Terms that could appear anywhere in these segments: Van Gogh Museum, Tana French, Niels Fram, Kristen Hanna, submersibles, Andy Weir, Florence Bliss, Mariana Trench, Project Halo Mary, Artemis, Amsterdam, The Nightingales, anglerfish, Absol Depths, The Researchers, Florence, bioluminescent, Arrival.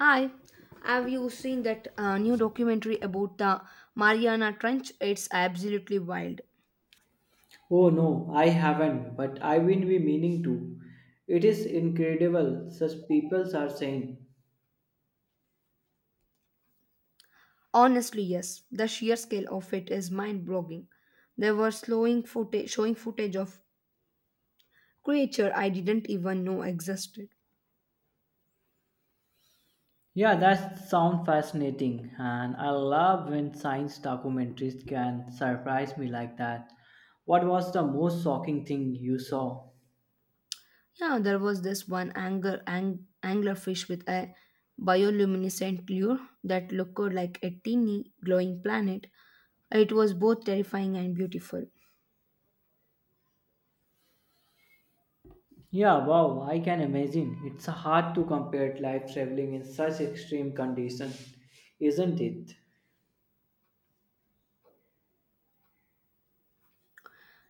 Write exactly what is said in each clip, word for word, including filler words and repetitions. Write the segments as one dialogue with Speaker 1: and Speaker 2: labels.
Speaker 1: Hi, have you seen that uh, new documentary about the Mariana Trench? It's absolutely wild.
Speaker 2: Oh no, I haven't, but I will be meaning to. It is incredible, such peoples are saying.
Speaker 1: Honestly, yes, the sheer scale of it is mind-boggling. They were slowing footage, showing footage of creature I didn't even know existed.
Speaker 2: Yeah, that sounds fascinating, and I love when science documentaries can surprise me like that. What was the most shocking thing you saw?
Speaker 1: Yeah, there was this one angler, ang- anglerfish with a bioluminescent lure that looked like a teeny glowing planet. It was both terrifying and beautiful.
Speaker 2: Yeah, wow, I can imagine. It's hard to compare life traveling in such extreme conditions, isn't it?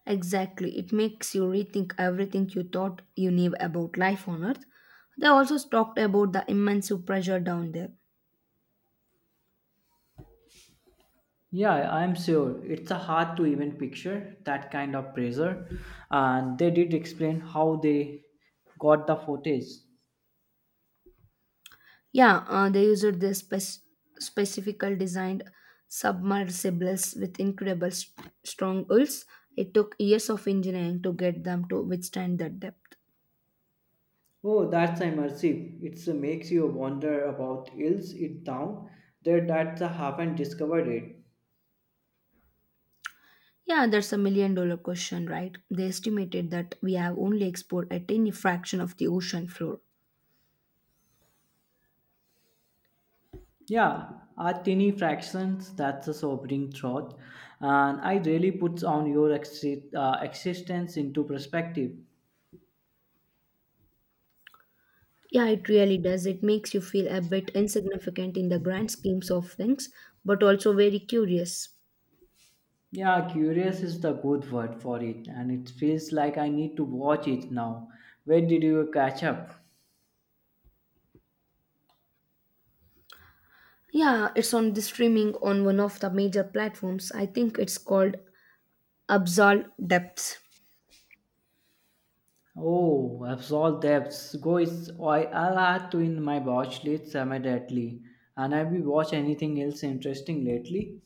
Speaker 1: Exactly. It makes you rethink everything you thought you knew about life on Earth. They also talked about the immense pressure down there.
Speaker 2: Yeah, I'm sure it's a hard to even picture that kind of pressure. And they did explain how they got the footage.
Speaker 1: Yeah, uh, they used this spec- specifically designed submersibles with incredible st- strong hulls. It took years of engineering to get them to withstand that depth.
Speaker 2: Oh, that's immersive. It makes you wonder about ills it down there that they haven't discovered it.
Speaker 1: Yeah, that's a million dollar question, right? They estimated that we have only explored a tiny fraction of the ocean floor.
Speaker 2: Yeah, a tiny fractions. That's a sobering thought, and I really puts on your exi- uh, existence into perspective.
Speaker 1: Yeah, it really does. It makes you feel a bit insignificant in the grand schemes of things, but also very curious.
Speaker 2: Yeah, curious is the good word for it, and it feels like I need to watch it now. Where did you catch up?
Speaker 1: Yeah, it's on the streaming on one of the major platforms. I think it's called Absol Depths.
Speaker 2: Oh, Absol Depths. Go is I, I'll add to in my watch list immediately. And have you watched anything else interesting lately?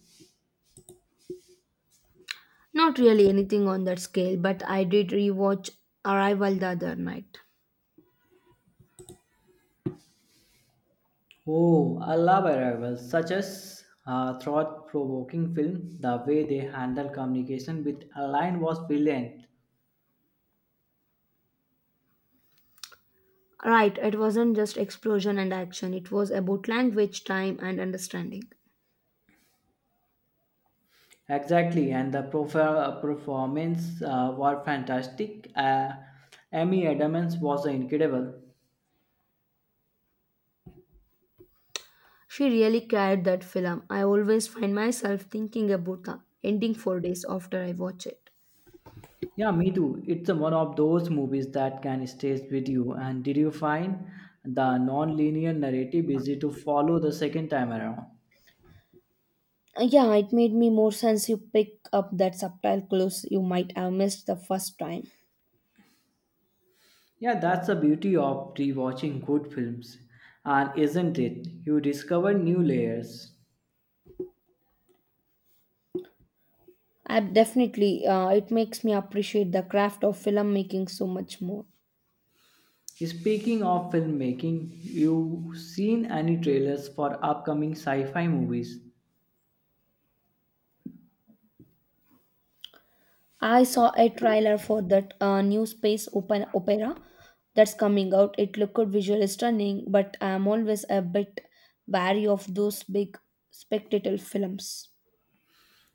Speaker 1: Not really anything on that scale, but I did rewatch Arrival the other night.
Speaker 2: Oh, I love arrivals, such as a thought-provoking film. The way they handle communication with a line was brilliant.
Speaker 1: Right, it wasn't just explosion and action, it was about language, time, and understanding.
Speaker 2: Exactly, and the profa- performance uh, were fantastic. Uh, Amy Adams was incredible.
Speaker 1: She really carried that film. I always find myself thinking about the ending for days after I watch it.
Speaker 2: Yeah, me too. It's one of those movies that can stay with you. And did you find the non-linear narrative easy to follow the second time around?
Speaker 1: Uh, Yeah, it made me more sense you pick up that subtle clues you might have missed the first time.
Speaker 2: Yeah, that's the beauty of rewatching good films, and isn't it? You discover new layers.
Speaker 1: I definitely, uh, it makes me appreciate the craft of filmmaking so much more.
Speaker 2: Speaking of filmmaking, you seen any trailers for upcoming sci-fi movies?
Speaker 1: I saw a trailer for that uh, new space open opera that's coming out. It looked visually stunning, but I'm always a bit wary of those big spectacle films.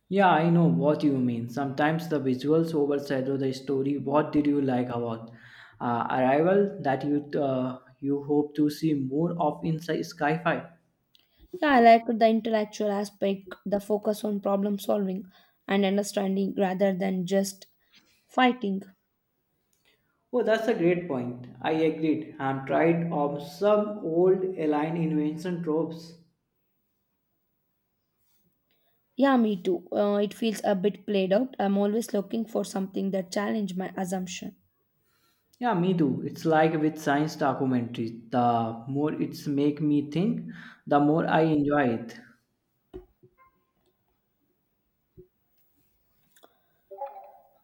Speaker 2: Yeah, I know what you mean. Sometimes the visuals overshadow the story. What did you like about uh, Arrival that you uh, you hope to see more of in sci- sci-fi?
Speaker 1: Yeah, I like the intellectual aspect, the focus on problem solving and understanding rather than just fighting.
Speaker 2: Oh, that's a great point. I agreed. I'm tired of some old alien invention tropes.
Speaker 1: Yeah, me too. Uh, it feels a bit played out. I'm always looking for something that challenge my assumption.
Speaker 2: Yeah, me too. It's like with science documentaries. The more it's make me think, the more I enjoy it.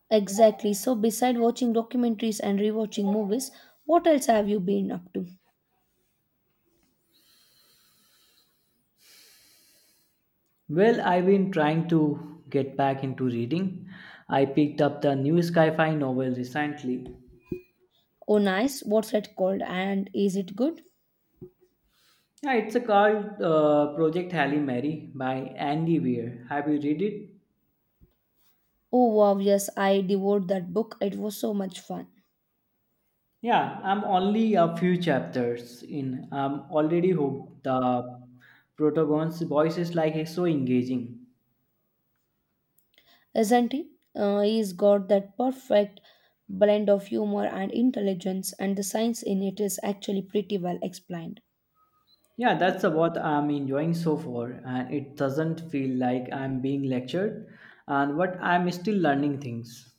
Speaker 1: Exactly. So, beside watching documentaries and rewatching movies, what else have you been up to?
Speaker 2: Well, I've been trying to get back into reading. I picked up the new sci-fi novel recently.
Speaker 1: Oh, nice. What's it called? And is it good?
Speaker 2: Yeah, it's a called uh, Project Halle Mary by Andy Weir. Have you read it?
Speaker 1: Oh, wow. Yes, I devoured that book. It was so much fun.
Speaker 2: Yeah, I'm only a few chapters in. I'm already hooked. The protagonist's voice is like it's so engaging.
Speaker 1: Isn't he? Uh, he's got that perfect blend of humor and intelligence, and the science in it is actually pretty well explained.
Speaker 2: Yeah, that's what I'm enjoying so far, and it doesn't feel like I'm being lectured, and what I'm still learning things.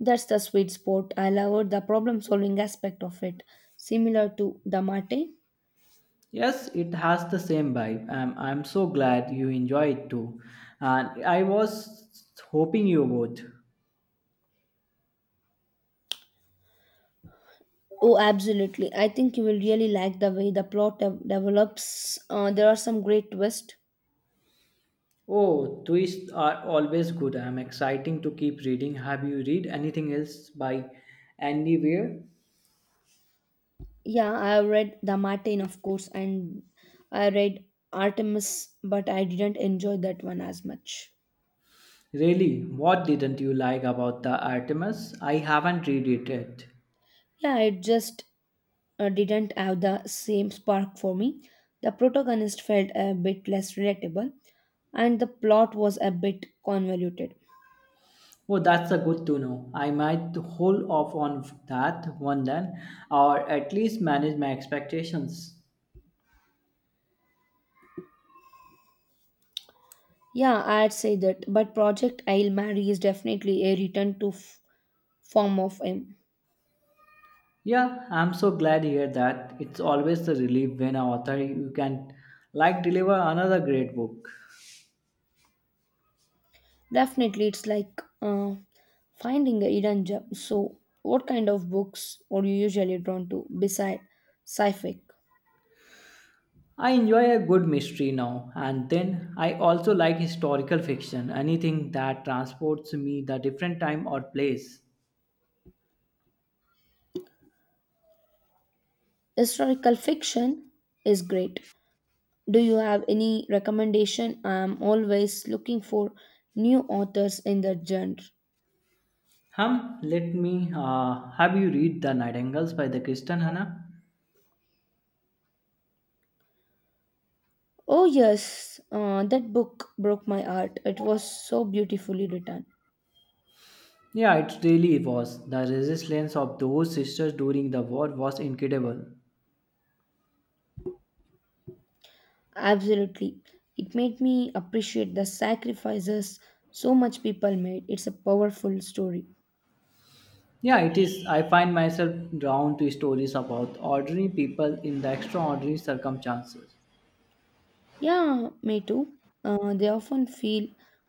Speaker 1: That's the sweet spot. I love the problem solving aspect of it, similar to the Mate.
Speaker 2: Yes, it has the same vibe. I'm, I'm so glad you enjoy it too. And I was hoping you would.
Speaker 1: Oh, absolutely. I think you will really like the way the plot de- develops. Uh, there are some great twists.
Speaker 2: Oh, twists are always good. I'm exciting to keep reading. Have you read anything else by Andy Weir?
Speaker 1: Yeah, I have read The Martin, of course, and I read Artemis, but I didn't enjoy that one as much.
Speaker 2: Really, what didn't you like about the Artemis? I haven't read it yet.
Speaker 1: Yeah, it just uh, didn't have the same spark for me. The protagonist felt a bit less relatable, and the plot was a bit convoluted.
Speaker 2: Oh, that's a good to know. I might hold off on that one then, or at least manage my expectations.
Speaker 1: Yeah, I'd say that. But Project I'll Marry is definitely a return to f- form of him.
Speaker 2: Yeah, I'm so glad to hear that. It's always a relief when an author you can like deliver another great book.
Speaker 1: Definitely, it's like uh, finding a hidden gem. So, what kind of books are you usually drawn to beside sci-fi?
Speaker 2: I enjoy a good mystery now, and then I also like historical fiction, anything that transports me the different time or place.
Speaker 1: Historical fiction is great. Do you have any recommendation? I'm always looking for new authors in that genre.
Speaker 2: Hum, let me uh, Have you read The Nightingales by the Kristen Hanna?
Speaker 1: Oh yes, uh, that book broke my heart. It was so beautifully written.
Speaker 2: Yeah, it really was. The resilience of those sisters during the war was incredible.
Speaker 1: Absolutely. It made me appreciate the sacrifices so much people made. It's a powerful story.
Speaker 2: Yeah, it is. I find myself drawn to stories about ordinary people in the extraordinary circumstances.
Speaker 1: Yeah, me too. Uh, they often feel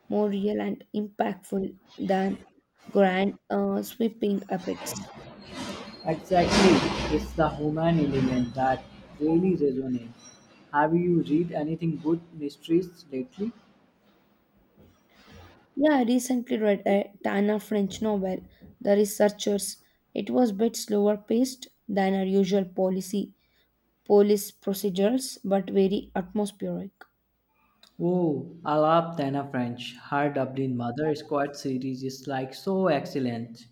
Speaker 1: more real and impactful than grand, uh, sweeping epics.
Speaker 2: Exactly, it's the human element that really resonates. Have you read anything good mysteries lately?
Speaker 1: Yeah, I recently read a Tana French novel, The Researchers. It was a bit slower paced than our usual policy police procedures, but very atmospheric.
Speaker 2: Oh, I love Tana French. Her Dublin Mother Squad series is like so excellent.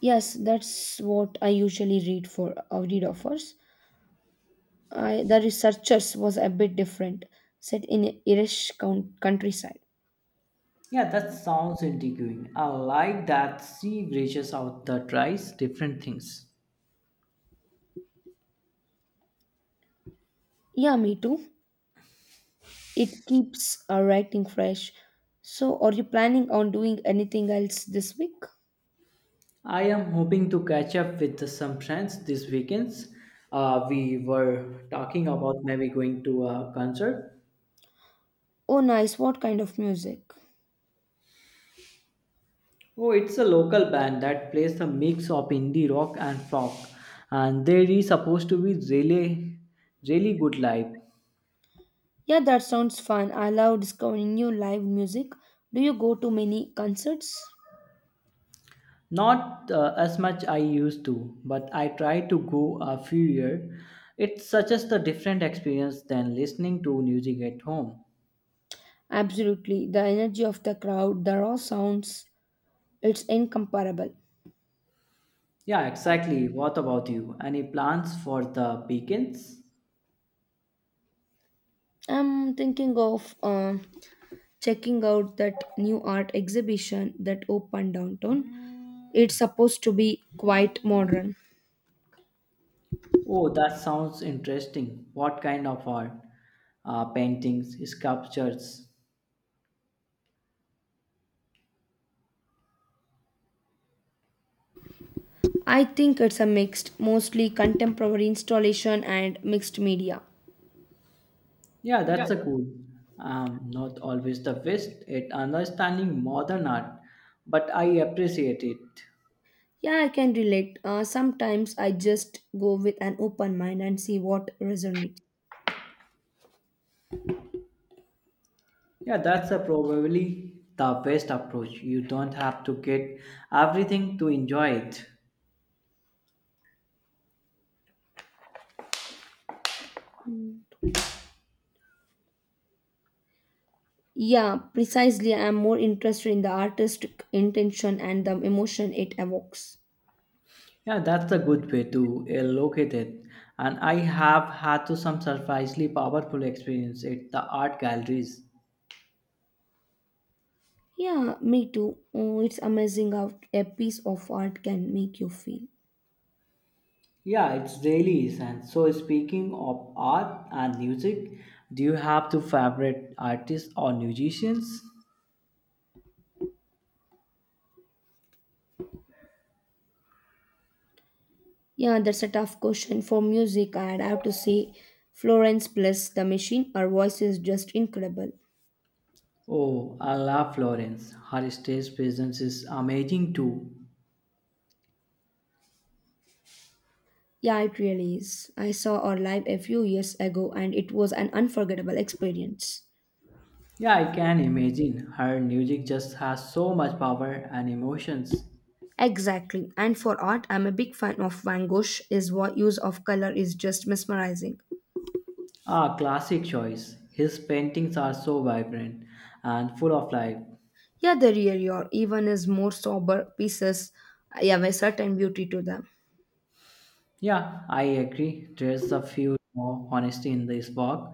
Speaker 1: Yes, that's what I usually read for uh, read offers. I, the researchers was a bit different, set in Irish coun- countryside.
Speaker 2: Yeah, that sounds intriguing. I like that she reaches out the tries different things.
Speaker 1: Yeah, me too. It keeps our writing fresh. So, are you planning on doing anything else this week?
Speaker 2: I am hoping to catch up with some friends this weekends. Uh, we were talking about maybe going to a concert.
Speaker 1: Oh, nice. What kind of music?
Speaker 2: Oh, it's a local band that plays a mix of indie rock and folk, and they are supposed to be really, really good live.
Speaker 1: Yeah, that sounds fun. I love discovering new live music. Do you go to many concerts?
Speaker 2: Not uh, as much I used to, but I try to go a few year. It's such as a different experience than listening to music at home.
Speaker 1: Absolutely. The energy of the crowd, the raw sounds, it's incomparable.
Speaker 2: Yeah, exactly. What about you? Any plans for the weekends?
Speaker 1: I'm thinking of uh, checking out that new art exhibition that opened downtown. It's supposed to be quite modern.
Speaker 2: Oh, that sounds interesting. What kind of art? Uh, paintings, sculptures.
Speaker 1: I think it's a mixed, mostly contemporary installation and mixed media.
Speaker 2: Yeah,
Speaker 1: Yeah,
Speaker 2: that's a
Speaker 1: that-
Speaker 2: cool. Um, not always the best at understanding modern art, but I appreciate it.
Speaker 1: Yeah, I can relate. Uh, sometimes I just go with an open mind and see what resonates.
Speaker 2: Yeah, that's a probably the best approach. You don't have to get everything to enjoy it.
Speaker 1: Yeah, precisely. I'm more interested in the artistic intention and the emotion it evokes.
Speaker 2: Yeah, that's a good way to uh, look at it. And I have had to some surprisingly powerful experience at the art galleries.
Speaker 1: Yeah, me too. Oh, it's amazing how a piece of art can make you feel.
Speaker 2: Yeah, it's really is. And so, speaking of art and music, do you have two favorite artists or musicians?
Speaker 1: Yeah, that's a tough question for music. I'd have to say Florence Bliss, the machine, her voice is just incredible.
Speaker 2: Oh, I love Florence. Her stage presence is amazing too.
Speaker 1: Yeah, it really is. I saw her live a few years ago and it was an unforgettable experience.
Speaker 2: Yeah, I can imagine. Her music just has so much power and emotions.
Speaker 1: Exactly. And for art, I'm a big fan of Van Gogh. His wo- use of color is just mesmerizing.
Speaker 2: Ah, classic choice. His paintings are so vibrant and full of life.
Speaker 1: Yeah, they really are. Even his more sober pieces have a certain beauty to them.
Speaker 2: Yeah, I agree. There's a few more honesty in this work,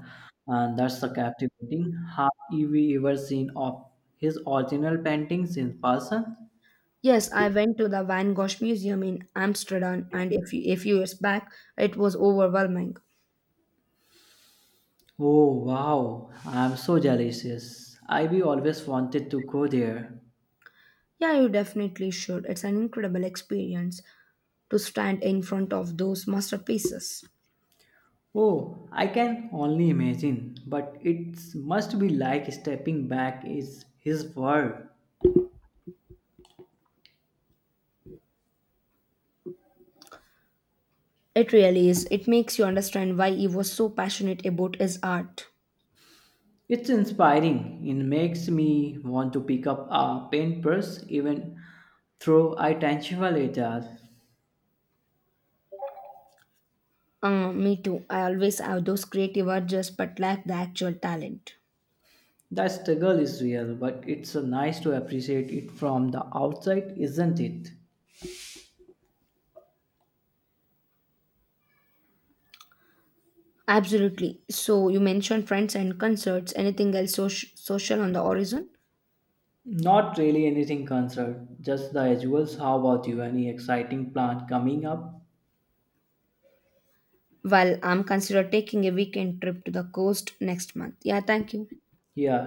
Speaker 2: and that's a captivating. Have you ever seen of his original paintings in person?
Speaker 1: Yes, I went to the Van Gogh Museum in Amsterdam and a few, a few years back it was overwhelming.
Speaker 2: Oh wow, I'm so jealous. I we always wanted to go there.
Speaker 1: Yeah, you definitely should. It's an incredible experience to stand in front of those masterpieces.
Speaker 2: Oh, I can only imagine, but it must be like stepping back is his world.
Speaker 1: It really is. It makes you understand why he was so passionate about his art.
Speaker 2: It's inspiring. It makes me want to pick up a paintbrush even though I tangible it as.
Speaker 1: Uh, me too. I always have those creative urges but lack the actual talent.
Speaker 2: The struggle is real, but it's uh, nice to appreciate it from the outside, isn't it?
Speaker 1: Absolutely. So you mentioned friends and concerts. Anything else soc- social on the horizon?
Speaker 2: Not really anything concerned, just the usuals. How about you? Any exciting plant coming up?
Speaker 1: Well, I'm consider taking a weekend trip to the coast next month. Yeah, thank you.
Speaker 2: Yeah,